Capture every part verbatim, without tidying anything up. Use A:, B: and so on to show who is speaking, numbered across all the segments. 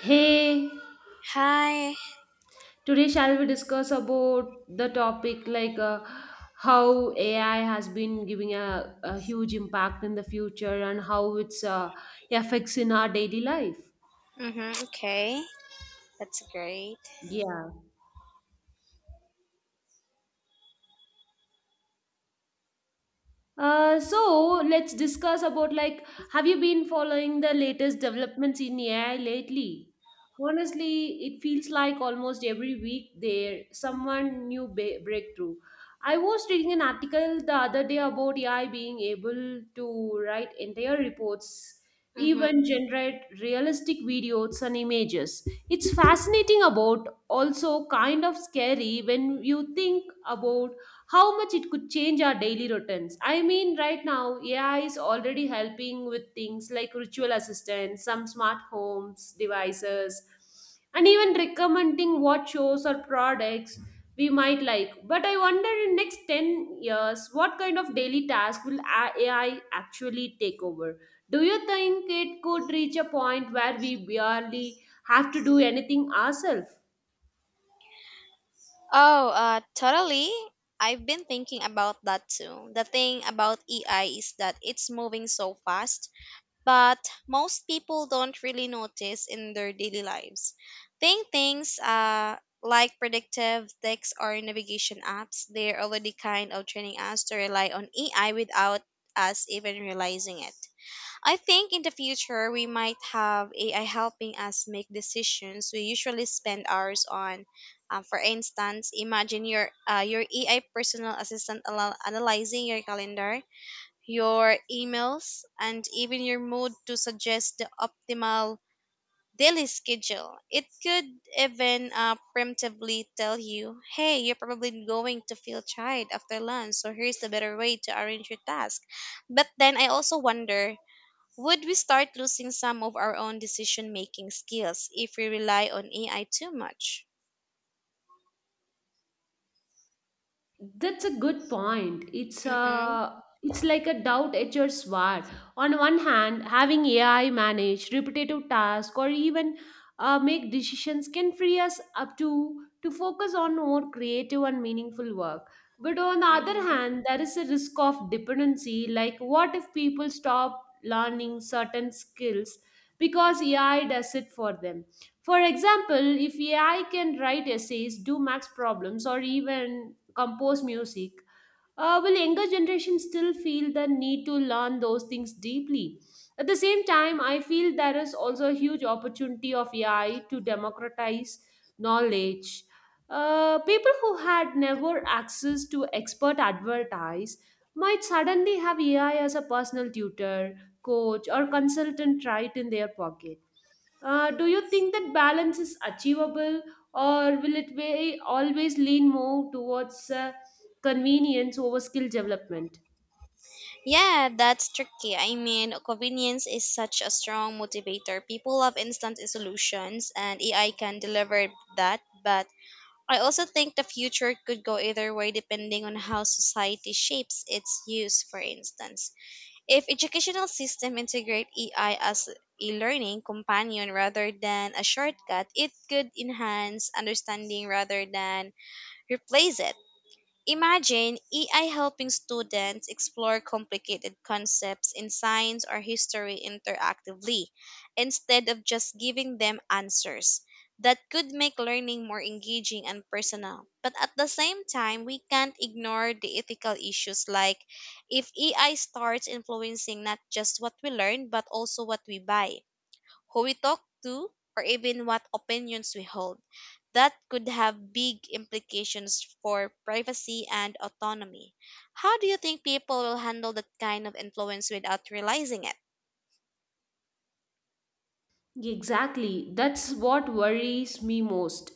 A: Hey,
B: Hi.
A: today shall we discuss about the topic like uh, how A I has been giving a, a huge impact in the future and how it's uh, affects in our daily life.
B: Mm-hmm. Okay. That's great.
A: Yeah. Uh, so let's discuss about like, have you been following the latest developments in A I lately? Honestly, it feels like almost every week there someone new ba- breakthrough. I was reading an article the other day about A I being able to write entire reports,
B: Mm-hmm.
A: even generate realistic videos and images. It's fascinating about also kind of scary when you think about how much it could change our daily routines. I mean, right now, A I is already helping with things like ritual assistance, some smart homes devices, and even recommending what shows or products we might like. But I wonder in next ten years, what kind of daily task will A- AI actually take over? Do you think it could reach a point where we barely have to do anything ourselves?
B: Oh, uh, totally. I've been thinking about that too. The thing about A I is that it's moving so fast, but most people don't really notice in their daily lives. Think things uh, like predictive text or navigation apps, they're already kind of training us to rely on A I without us even realizing it. I think in the future we might have A I helping us make decisions we usually spend hours on. Um, for instance, imagine your uh, your A I personal assistant al- analyzing your calendar, your emails, and even your mood to suggest the optimal daily schedule. It could even uh, preemptively tell you, "Hey, you're probably going to feel tired after lunch, so here's a better way to arrange your task." But then I also wonder, would we start losing some of our own decision making skills if we rely on A I too much?
A: That's a good point. It's
B: Mm-hmm,
A: a it's like a doubt-edged sword. On one hand, having A I manage repetitive tasks or even uh, make decisions can free us up to to focus on more creative and meaningful work. But on the other
B: mm-hmm.
A: hand, there is a risk of dependency. Like, what if people stop learning certain skills because A I does it for them? For example, if A I can write essays, do max problems, or even compose music. Uh, will younger generation still feel the need to learn those things deeply? At the same time, I feel there is also a huge opportunity of A I to democratize knowledge. Uh, people who had never access to expert advertise might suddenly have A I as a personal tutor, coach, or consultant right in their pocket. Uh, do you think that balance is achievable, or will it be always lean more towards uh, convenience over skill development?
B: Yeah, that's tricky. I mean, convenience is such a strong motivator. People love instant solutions, and A I can deliver that. But I also think the future could go either way depending on how society shapes its use, for instance. If educational system integrate A I as a learning companion rather than a shortcut, it could enhance understanding rather than replace it. Imagine A I helping students explore complicated concepts in science or history interactively instead of just giving them answers. That could make learning more engaging and personal. But at the same time, we can't ignore the ethical issues, like if A I starts influencing not just what we learn, but also what we buy, who we talk to, or even what opinions we hold. That could have big implications for privacy and autonomy. How do you think people will handle that kind of influence without realizing it?
A: Exactly. That's what worries me most.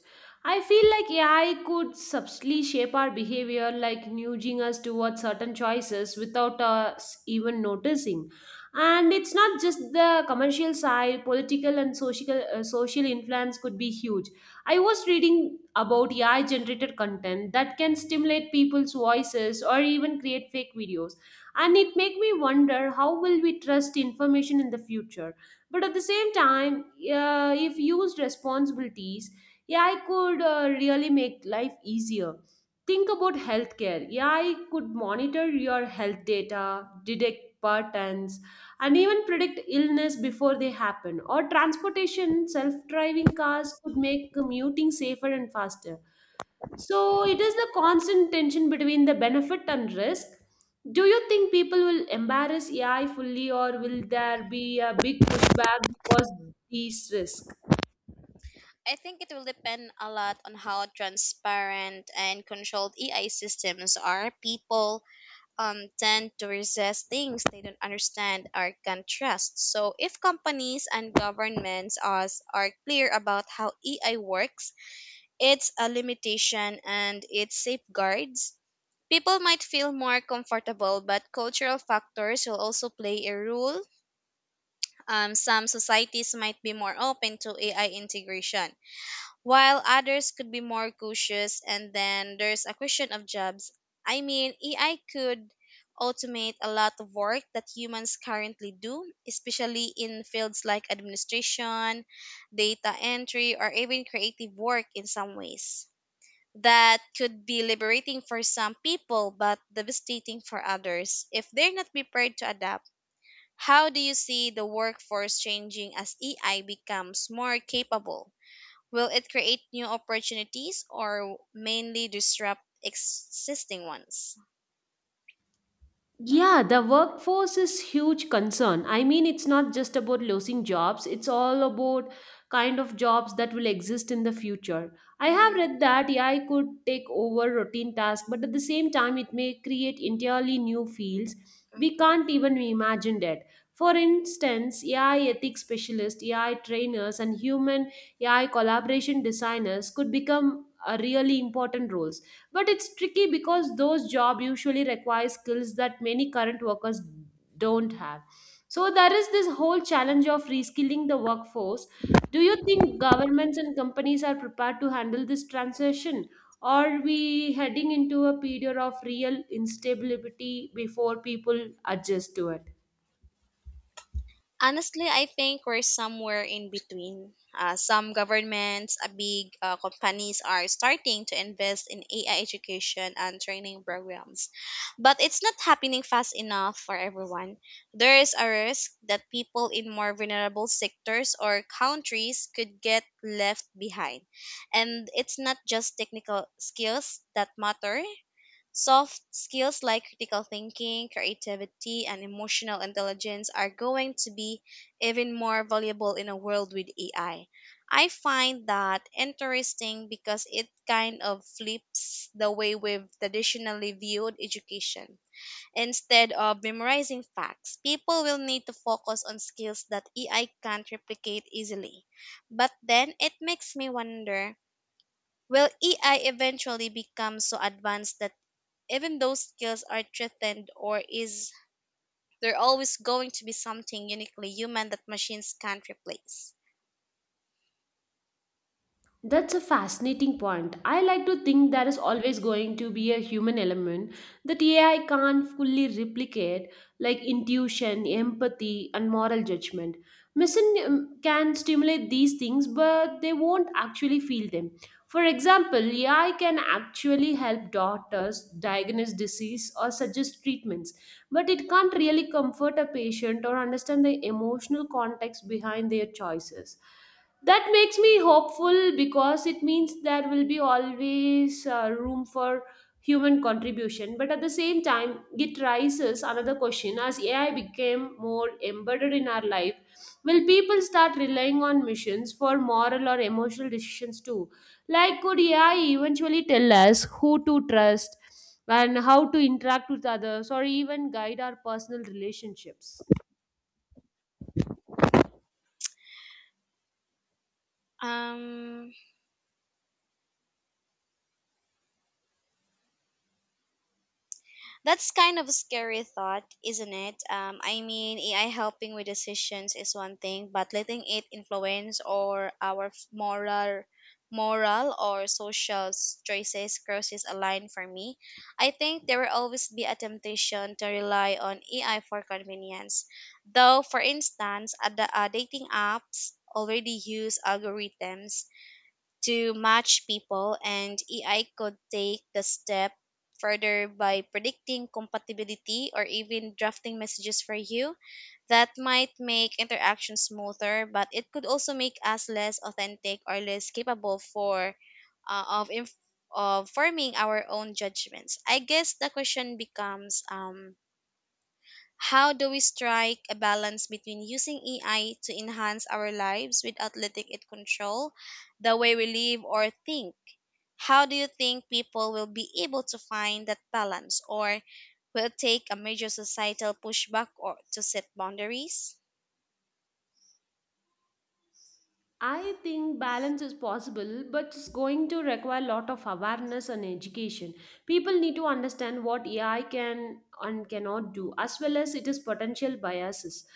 A: I feel like A I could subtly shape our behavior, like nudging us towards certain choices without us even noticing. And it's not just the commercial side, political and social, uh, social influence could be huge. I was reading about A I generated content that can stimulate people's voices or even create fake videos. And it made me wonder how will we trust information in the future? But at the same time, uh, if used responsibilities, yeah, I could uh, really make life easier. Think about healthcare. Yeah, I could monitor your health data, detect patterns, and even predict illness before they happen. Or transportation, self-driving cars could make commuting safer and faster. So it is the constant tension between the benefit and risk. Do you think people will embrace A I fully, or will there be a big pushback because these risks?
B: I think it will depend a lot on how transparent and controlled A I systems are. People um, tend to resist things they don't understand or can trust. So, if companies and governments are, are clear about how A I works, it's a limitation and it safeguards. People might feel more comfortable, but cultural factors will also play a role. Um, some societies might be more open to A I integration, while others could be more cautious. And then there's a question of jobs. I mean, A I could automate a lot of work that humans currently do, especially in fields like administration, data entry, or even creative work in some ways that could be liberating for some people but devastating for others if they're not prepared to adapt. How do you see the workforce changing as A I becomes more capable? Will it create new opportunities or mainly disrupt existing ones?
A: Yeah, the workforce is huge concern. I mean, it's not just about losing jobs, it's all about kind of jobs that will exist in the future. I have
B: Mhm.
A: read that A I could take over routine tasks, but at the same time it may create entirely new fields we can't even imagine it. For instance, A I ethics specialists, A I trainers and human A I collaboration designers could become a really important roles, but it's tricky because those jobs usually require skills that many current workers don't have. So there is this whole challenge of reskilling the workforce. Do you think governments and companies are prepared to handle this transition? Are we heading into a period of real instability before people adjust to it?
B: Honestly, I think we're somewhere in between. Uh, some governments, uh, big uh, companies are starting to invest in A I education and training programs, but it's not happening fast enough for everyone. There is a risk that people in more vulnerable sectors or countries could get left behind. And it's not just technical skills that matter. Soft skills like critical thinking, creativity, and emotional intelligence are going to be even more valuable in a world with A I. I I find that interesting because it kind of flips the way we've traditionally viewed education. Instead of memorizing facts, people will need to focus on skills that A I can't replicate easily. But then it makes me wonder, will A I eventually become so advanced that even those skills are threatened, or is there always going to be something uniquely human that machines can't replace?
A: That's a fascinating point. I like to think there is always going to be a human element that A I can't fully replicate, like intuition, empathy, and moral judgment. Machine um, can stimulate these things, but they won't actually feel them. For example, A I can actually help doctors diagnose disease or suggest treatments, but it can't really comfort a patient or understand the emotional context behind their choices. That makes me hopeful because it means there will be always uh, room for human contribution. But at the same time, it raises another question as A I became more embedded in our life, will people start relying on machines for moral or emotional decisions too? Like, could A I eventually tell us who to trust and how to interact with others or even guide our personal relationships?
B: um That's kind of a scary thought, isn't it? Um, I mean, A I helping with decisions is one thing, but letting it influence or our f- moral, moral or social s- choices crosses a line for me. I think there will always be a temptation to rely on A I for convenience. Though, for instance, ad- uh, dating apps already use algorithms to match people, and A I could take the step further by predicting compatibility or even drafting messages for you. That might make interaction smoother, but it could also make us less authentic or less capable for uh, of inf- of forming our own judgments. I guess the question becomes, um how do we strike a balance between using A I to enhance our lives without letting it control the way we live or think? How do you think people will be able to find that balance, or will it take a major societal pushback or to set boundaries?
A: I think balance is possible, but it's going to require a lot of awareness and education. People need to understand what A I can and cannot do, as well as its potential biases.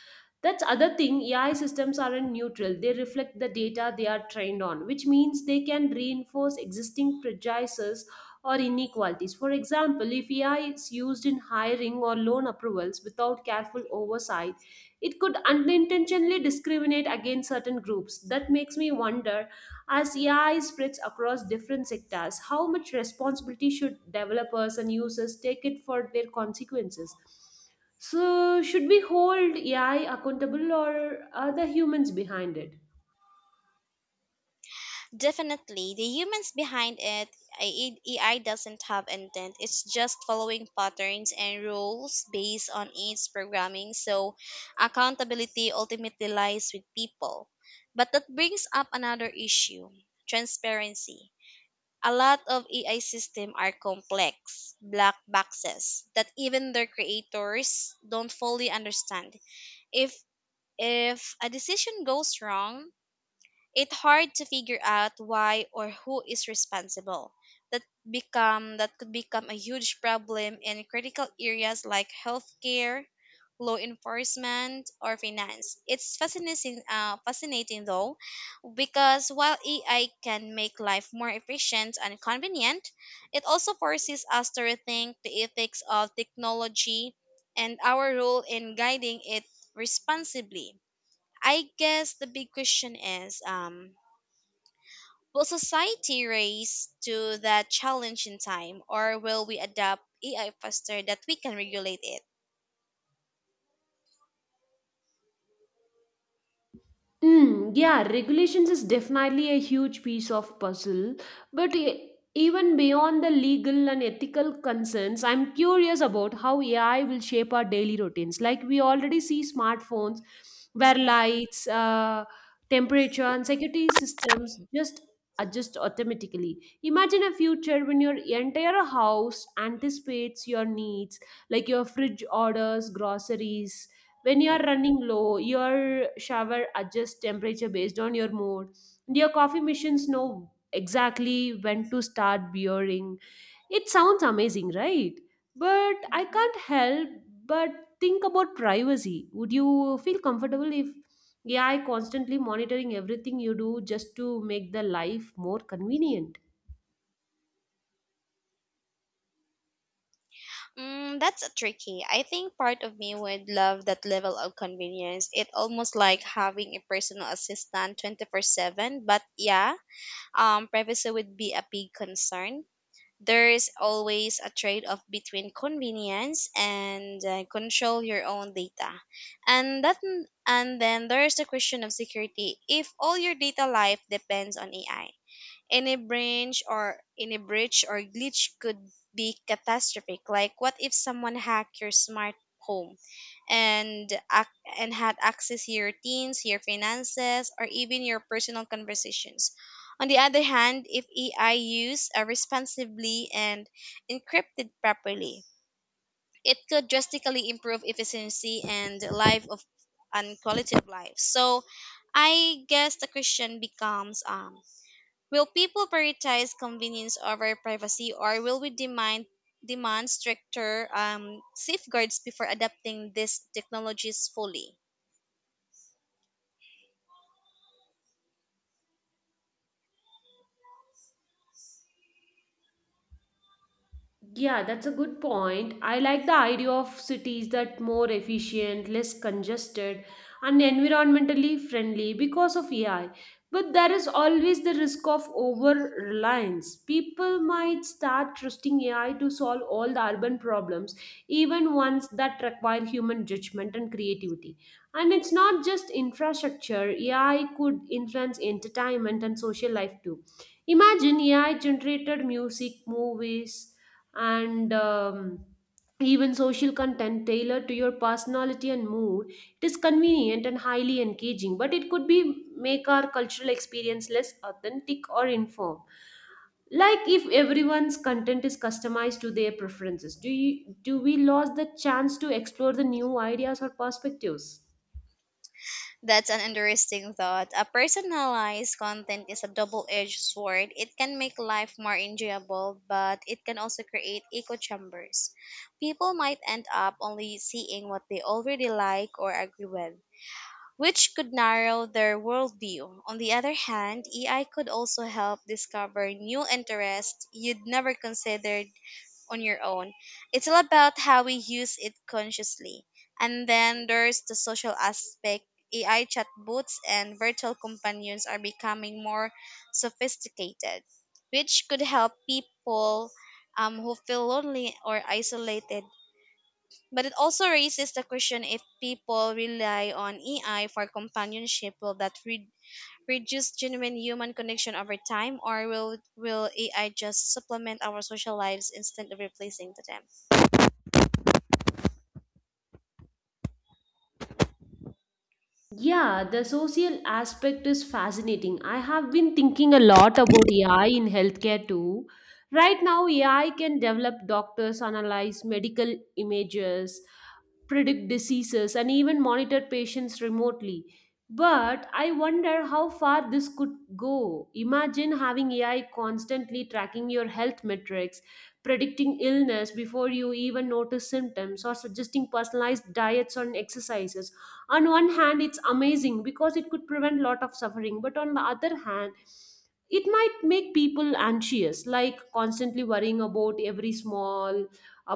A: That's other thing. A I systems aren't neutral; they reflect the data they are trained on, which means they can reinforce existing prejudices or inequalities. For example, if A I is used in hiring or loan approvals without careful oversight, it could unintentionally discriminate against certain groups. That makes me wonder, as A I spreads across different sectors, how much responsibility should developers and users take it for their consequences? So, should we hold A I accountable or are the humans behind it?
B: Definitely, the humans behind it. A- AI doesn't have intent. It's just following patterns and rules based on its programming. So, accountability ultimately lies with people. But that brings up another issue: transparency. A lot of A I systems are complex, black boxes that even their creators don't fully understand. If if a decision goes wrong, it's hard to figure out why or who is responsible. That become that could become a huge problem in critical areas like healthcare, law enforcement, or finance. It's fascinating, uh, fascinating though, because while A I can make life more efficient and convenient, it also forces us to rethink the ethics of technology and our role in guiding it responsibly. I guess the big question is, um, will society raise to that challenge in time, or will we adapt A I faster that we can regulate it?
A: Mm, yeah, regulations is definitely a huge piece of puzzle, but e- even beyond the legal and ethical concerns, I'm curious about how A I will shape our daily routines. Like we already see smartphones where
B: hmm
A: lights, uh, temperature, and security systems just adjust automatically. Imagine a future when your entire house anticipates your needs, like your fridge orders, groceries when you are running low, your shower adjusts temperature based on your mood. And your coffee machines know exactly when to start brewing. It sounds amazing, right? But I
B: hmm
A: can't help but think about privacy. Would you feel comfortable if A I constantly monitoring everything you do just to make the life more convenient?
B: Mm, that's a tricky. I think part of me would love that level of convenience. It almost like having a personal assistant twenty-four seven, but yeah, um privacy would be a big concern. There's always a trade off between convenience and uh, control your own data. And that and then there's the question of security. If all your data life depends on A I, any branch or any breach or glitch could be catastrophic. Like what if someone hacked your smart home and ac- and had access to your teams, your finances, or even your personal conversations. On the other hand, if A I used uh, responsibly and encrypted properly, it could drastically improve efficiency and life of and quality of life. So I guess the question becomes, um will people prioritize convenience over privacy, or will we demand demand stricter um, safeguards before adapting these technologies fully?
A: Yeah, that's a good point. I like the idea of cities that more efficient, less congested, and environmentally friendly because of A I. But there is always the risk of over reliance. People might start trusting A I to solve all the urban problems, even ones that require human judgment and creativity. And it's not just infrastructure, A I could influence entertainment and social life too. Imagine A I generated music, movies, and um, even social content tailored to your personality and mood. It is convenient and highly engaging, but it could be make our cultural experience less authentic or informed. Like if everyone's content is customized to their preferences, do you do we lose the chance to explore the new ideas or perspectives?
B: That's an interesting thought. A personalized content is a double-edged sword. It can make life more enjoyable, but it can also create echo chambers. People might end up only seeing what they already like or agree with, which could narrow their worldview. On the other hand, A I could also help discover new interests you'd never considered on your own. It's all about how we use it consciously. And then there's the social aspect. A I chatbots and virtual companions are becoming more sophisticated, which could help people um, who feel lonely or isolated, but it also raises the question, if people rely on A I for companionship, will that re- reduce genuine human connection over time, or will, will A I just supplement our social lives instead of replacing them?
A: Yeah, the social aspect is fascinating. I have been thinking a lot about A I in healthcare too. Right now, A I can develop doctors, analyze medical images, predict diseases, and even monitor patients remotely. But I wonder how far this could go. Imagine having A I constantly tracking your health metrics, predicting illness before you even notice symptoms, or suggesting personalized diets and exercises. On one hand it's amazing because it could prevent a lot of suffering, but on the other hand it might make people anxious, like constantly worrying about every small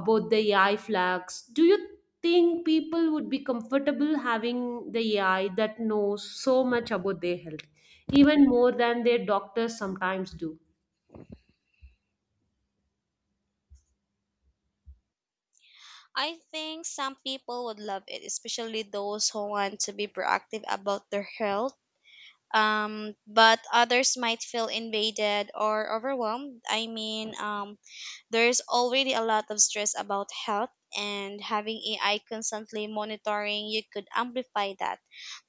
A: about the AI flags. Do you think people would be comfortable having the AI that knows so much about their health, even more than their doctors sometimes do?
B: I think some people would love it, especially those who want to be proactive about their health. Um, but others might feel invaded or overwhelmed. I mean, um, there's already a lot of stress about health, and having A I constantly monitoring you could amplify that.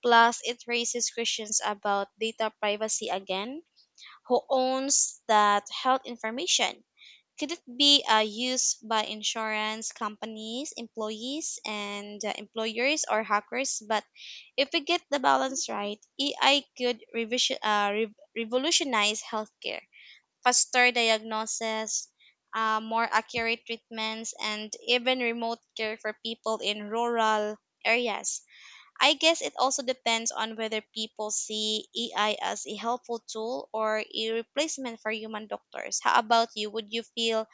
B: Plus, it raises questions about data privacy again. Who owns that health information? Could it be uh, used by insurance companies, employees, and uh, employers or hackers? But if we get the balance right, A I could revision, uh, re- revolutionize healthcare: faster diagnosis, uh, more accurate treatments, and even remote care for people in rural areas. I guess it also depends on whether people see A I as a helpful tool or a replacement for human doctors. How about you? Would you feel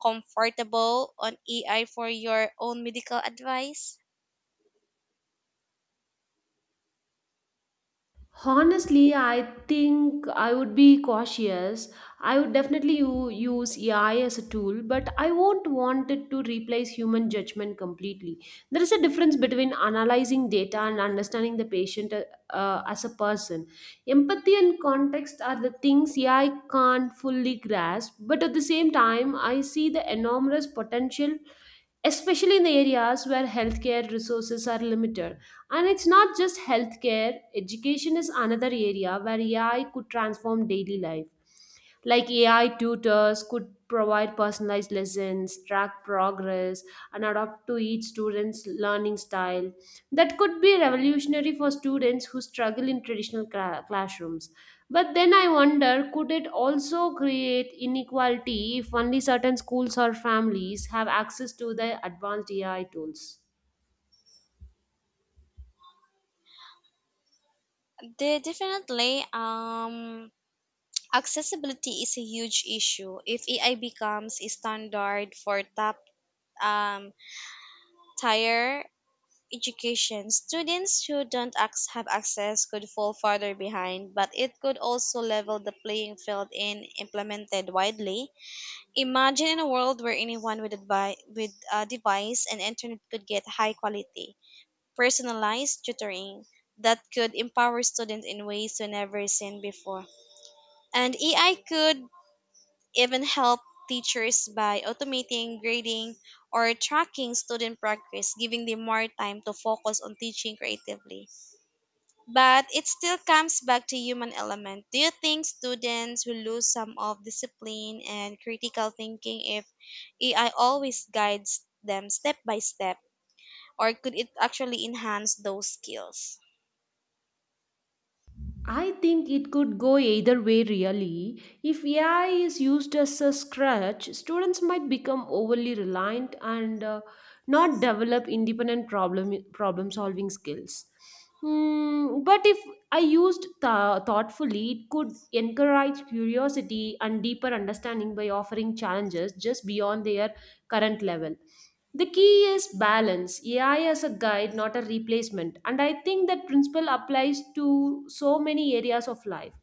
B: comfortable on A I for your own medical advice?
A: Honestly, I think I would be cautious. I would definitely u- use A I as a tool, but I won't want it to replace human judgment completely. There is a difference between analyzing data and understanding the patient uh, uh, as a person. Empathy and context are the things A I can't fully grasp, but at the same time, I see the enormous potential especially in the areas where healthcare resources are limited. And it's not just healthcare, education is another area where A I could transform daily life. Like A I tutors could provide personalized lessons, track progress, and adapt to each student's learning style. That could be revolutionary for students who struggle in traditional cla- classrooms. But then I wonder could it also create inequality if only certain schools or families have access to the advanced A I tools?
B: De- definitely. Um, accessibility is a huge issue. If A I becomes a standard for top um, higher education. Students who don't ac- have access could fall farther behind, but it could also level the playing field in implemented widely. Imagine in a world where anyone with, advi- with a device and internet could get high quality, personalized tutoring that could empower students in ways we never seen before. And A I could even help teachers by automating grading or tracking student progress, giving them more time to focus on teaching creatively. But it still comes back to human element. Do you think students will lose some of discipline and critical thinking if A I always guides them step by step, or could it actually enhance those skills?
A: I think it could go either way, really. If A I is used as a crutch, students might become overly reliant and uh, not develop independent problem problem solving skills. Hmm, but if I used th- thoughtfully, it could encourage curiosity and deeper understanding by offering challenges just beyond their current level. The key is balance. A I as a guide, not a replacement. And I think that principle applies to so many areas of life.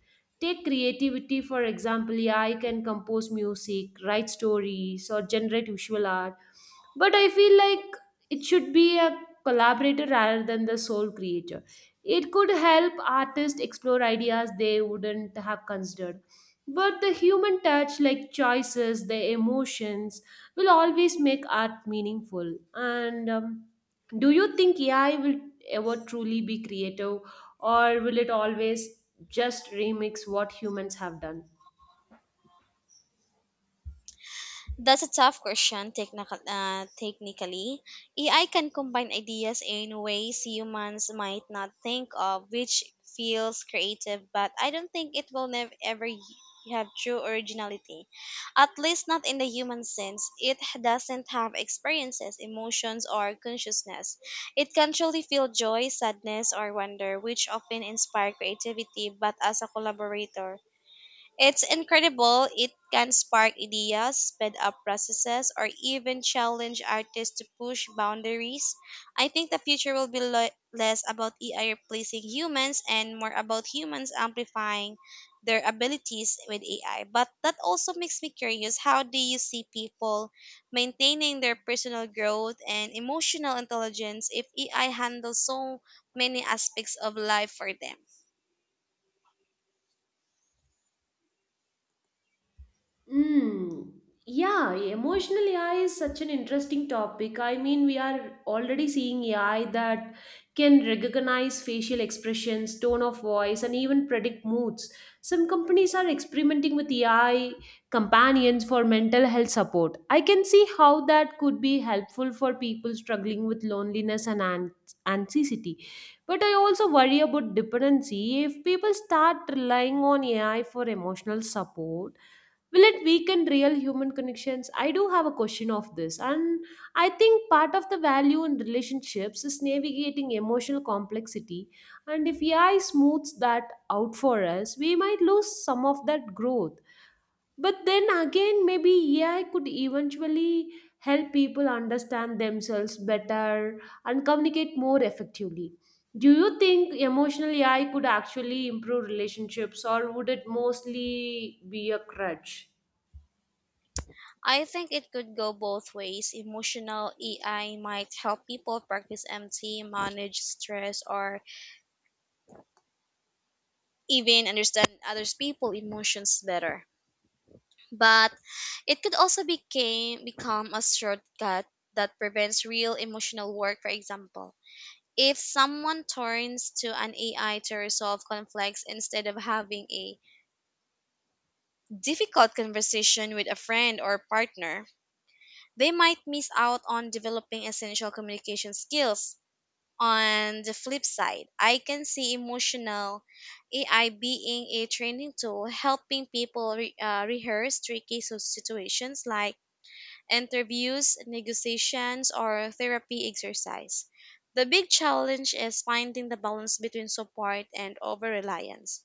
A: Take creativity, for example, A I can compose music, write stories, or generate visual art. But I feel like it should be a collaborator rather than the sole creator. It could help artists explore ideas they wouldn't have considered. But the human touch, like choices, the emotions, will always make art meaningful. And um, do you think A I will ever truly be creative, or will it always just remix what humans have done?
B: That's a tough question, technical, uh, technically. A I can combine ideas in ways humans might not think of, which feels creative, but I don't think it will never ever y- have true originality. At least not in the human sense. It h- doesn't have experiences, emotions, or consciousness. It can truly feel joy, sadness, or wonder, which often inspire creativity, but as a collaborator it's incredible. It can spark ideas, speed up processes, or even challenge artists to push boundaries. I think the future will be le- less about A I replacing humans and more about humans amplifying their abilities with A I. But that also makes me curious, how do you see people maintaining their personal growth and emotional intelligence if A I handles so many aspects of life for them?
A: Mm, yeah, emotional A I is such an interesting topic. I mean, we are already seeing A I that can recognize facial expressions, tone of voice, and even predict moods. Some companies are experimenting with A I companions for mental health support. I can see how that could be helpful for people struggling with loneliness and an- anxiety. But I also worry about dependency. If people start relying on A I for emotional support, will it weaken real human connections? I do have a question of this, and I think part of the value in relationships is navigating emotional complexity, and if AI smooths that out for us, we might lose some of that growth. But then again, maybe AI could eventually help people understand themselves better and communicate more effectively. Do you think emotional AI could actually improve relationships, or would it mostly be a crutch?
B: I think it could go both ways. Emotional A I might help people practice M T, manage stress, or even understand other people's emotions better. But it could also became, become a shortcut that prevents real emotional work, for example. If someone turns to an A I to resolve conflicts instead of having a difficult conversation with a friend or partner, they might miss out on developing essential communication skills. On the flip side, I can see emotional A I being a training tool, helping people re- uh, rehearse tricky so- situations like interviews, negotiations, or therapy exercise. The big challenge is finding the balance between support and over reliance.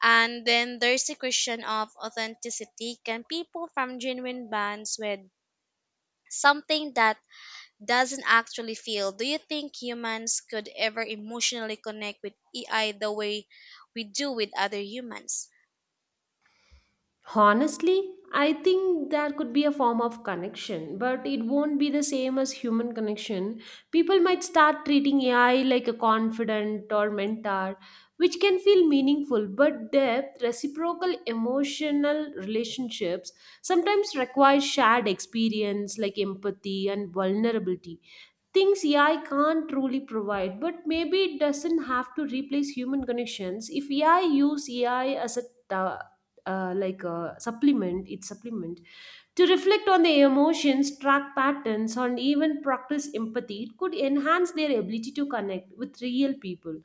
B: And then there's the question of authenticity. Can people form genuine bonds with something that doesn't actually feel? Do you think humans could ever emotionally connect with A I the way we do with other humans?
A: Honestly, I think there could be a form of connection, but it won't be the same as human connection. People might start treating A I like a confidant or mentor, which can feel meaningful, but depth, reciprocal emotional relationships sometimes require shared experience like empathy and vulnerability, things A I can't truly provide. But maybe it doesn't have to replace human connections. If A I use A I as a uh, uh, like a supplement, it's supplement to reflect on their emotions, track patterns, and even practice empathy could enhance their ability to connect with real people.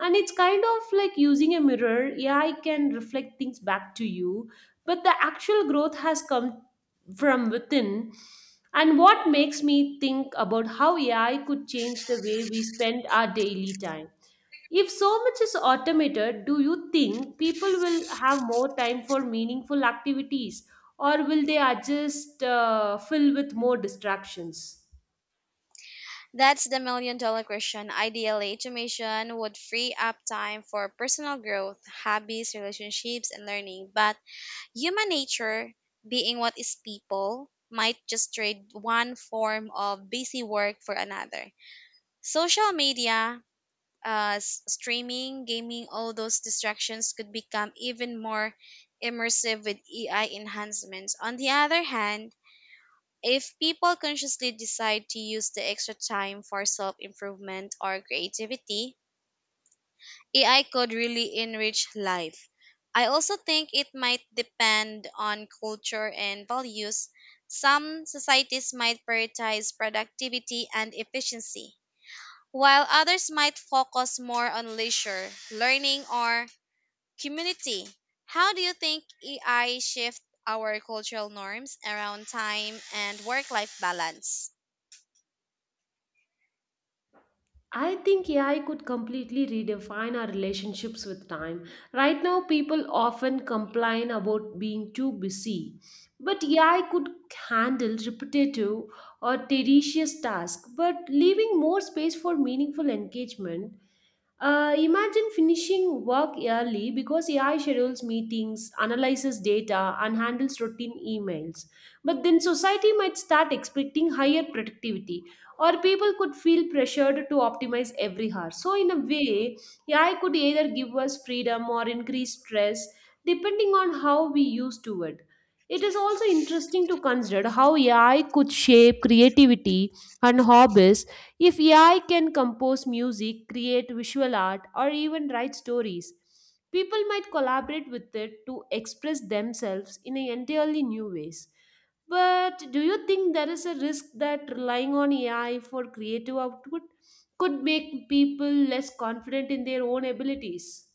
A: And it's kind of like using a mirror. A I can reflect things back to you, but the actual growth has come from within. And what makes me think about how A I could change the way we spend our daily time. If so much is automated, do you think people will have more time for meaningful activities, or will they are just uh, filled with more distractions?
B: That's the million dollar question. Ideally, automation would free up time for personal growth, hobbies, relationships, and learning. But human nature, being what is people, might just trade one form of busy work for another. Social media, uh, s- streaming, gaming, all those distractions could become even more immersive with A I enhancements. On the other hand, if people consciously decide to use the extra time for self improvement or creativity, A I could really enrich life. I also think it might depend on culture and values. Some societies might prioritize productivity and efficiency, while others might focus more on leisure, learning, or community. How do you think A I shift our cultural norms around time and work life balance?
A: I think A I could completely redefine our relationships with time. Right now, people often complain about being too busy, but A I could handle repetitive or tedious tasks, but leaving more space for meaningful engagement. Uh, imagine finishing work early because A I schedules meetings, analyzes data, and handles routine emails. But then society might start expecting higher productivity, or people could feel pressured to optimize every hour. So, in a way, A I could either give us freedom or increase stress depending on how we use to it. It is also interesting to consider how A I could shape creativity and hobbies. If A I can compose music, create visual art, or even write stories, people might collaborate with it to express themselves in an entirely new ways. But do you think there is a risk that relying on A I for creative output could make people less confident in their own abilities?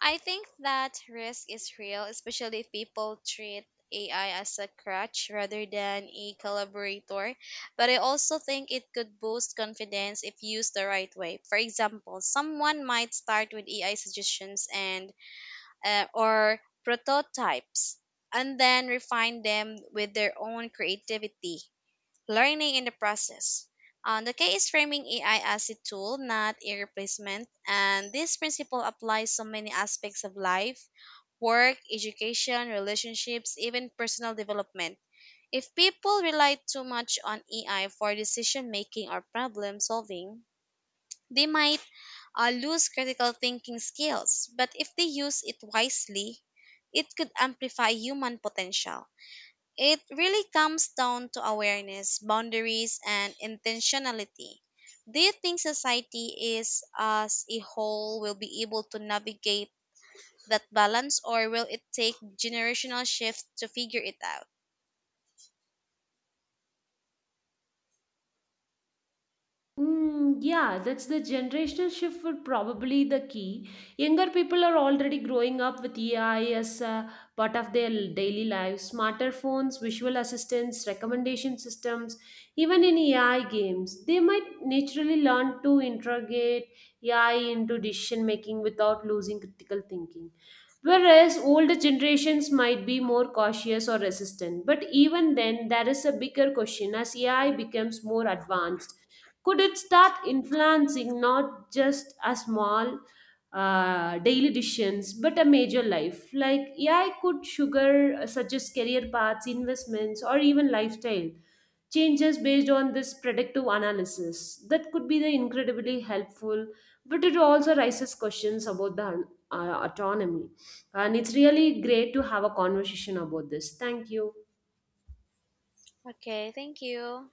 B: I think that risk is real, especially if people treat A I as a crutch rather than a collaborator. But I also think it could boost confidence if used the right way. For example, someone might start with A I suggestions and uh, or prototypes and then refine them with their own creativity, learning in the process. Um, the key is framing A I as a tool, not a replacement, and this principle applies so many aspects of life: work, education, relationships, even personal development. If people rely too much on A I for decision making or problem solving, they might uh, lose critical thinking skills, but if they use it wisely, it could amplify human potential. It really comes down to awareness, boundaries, and intentionality. Do you think society is as a whole will be able to navigate that balance, or will it take generational shift to figure it out?
A: Mm, yeah, that's the generational shift would probably the key. Younger people are already growing up with A I as a part of their daily lives. Smarter phones, visual assistants, recommendation systems, even in A I games, they might naturally learn to integrate A I into decision making without losing critical thinking. Whereas older generations might be more cautious or resistant. But even then, there is a bigger question. As A I becomes more advanced, could it start influencing not just a small uh, daily decisions but a major life, like AI could sugar uh, suggest career paths, investments, or even lifestyle changes based on this predictive analysis? That could be the incredibly helpful, but it also raises questions about the uh, autonomy. And it's really great to have a conversation about this. Thank you.
B: Okay, thank you.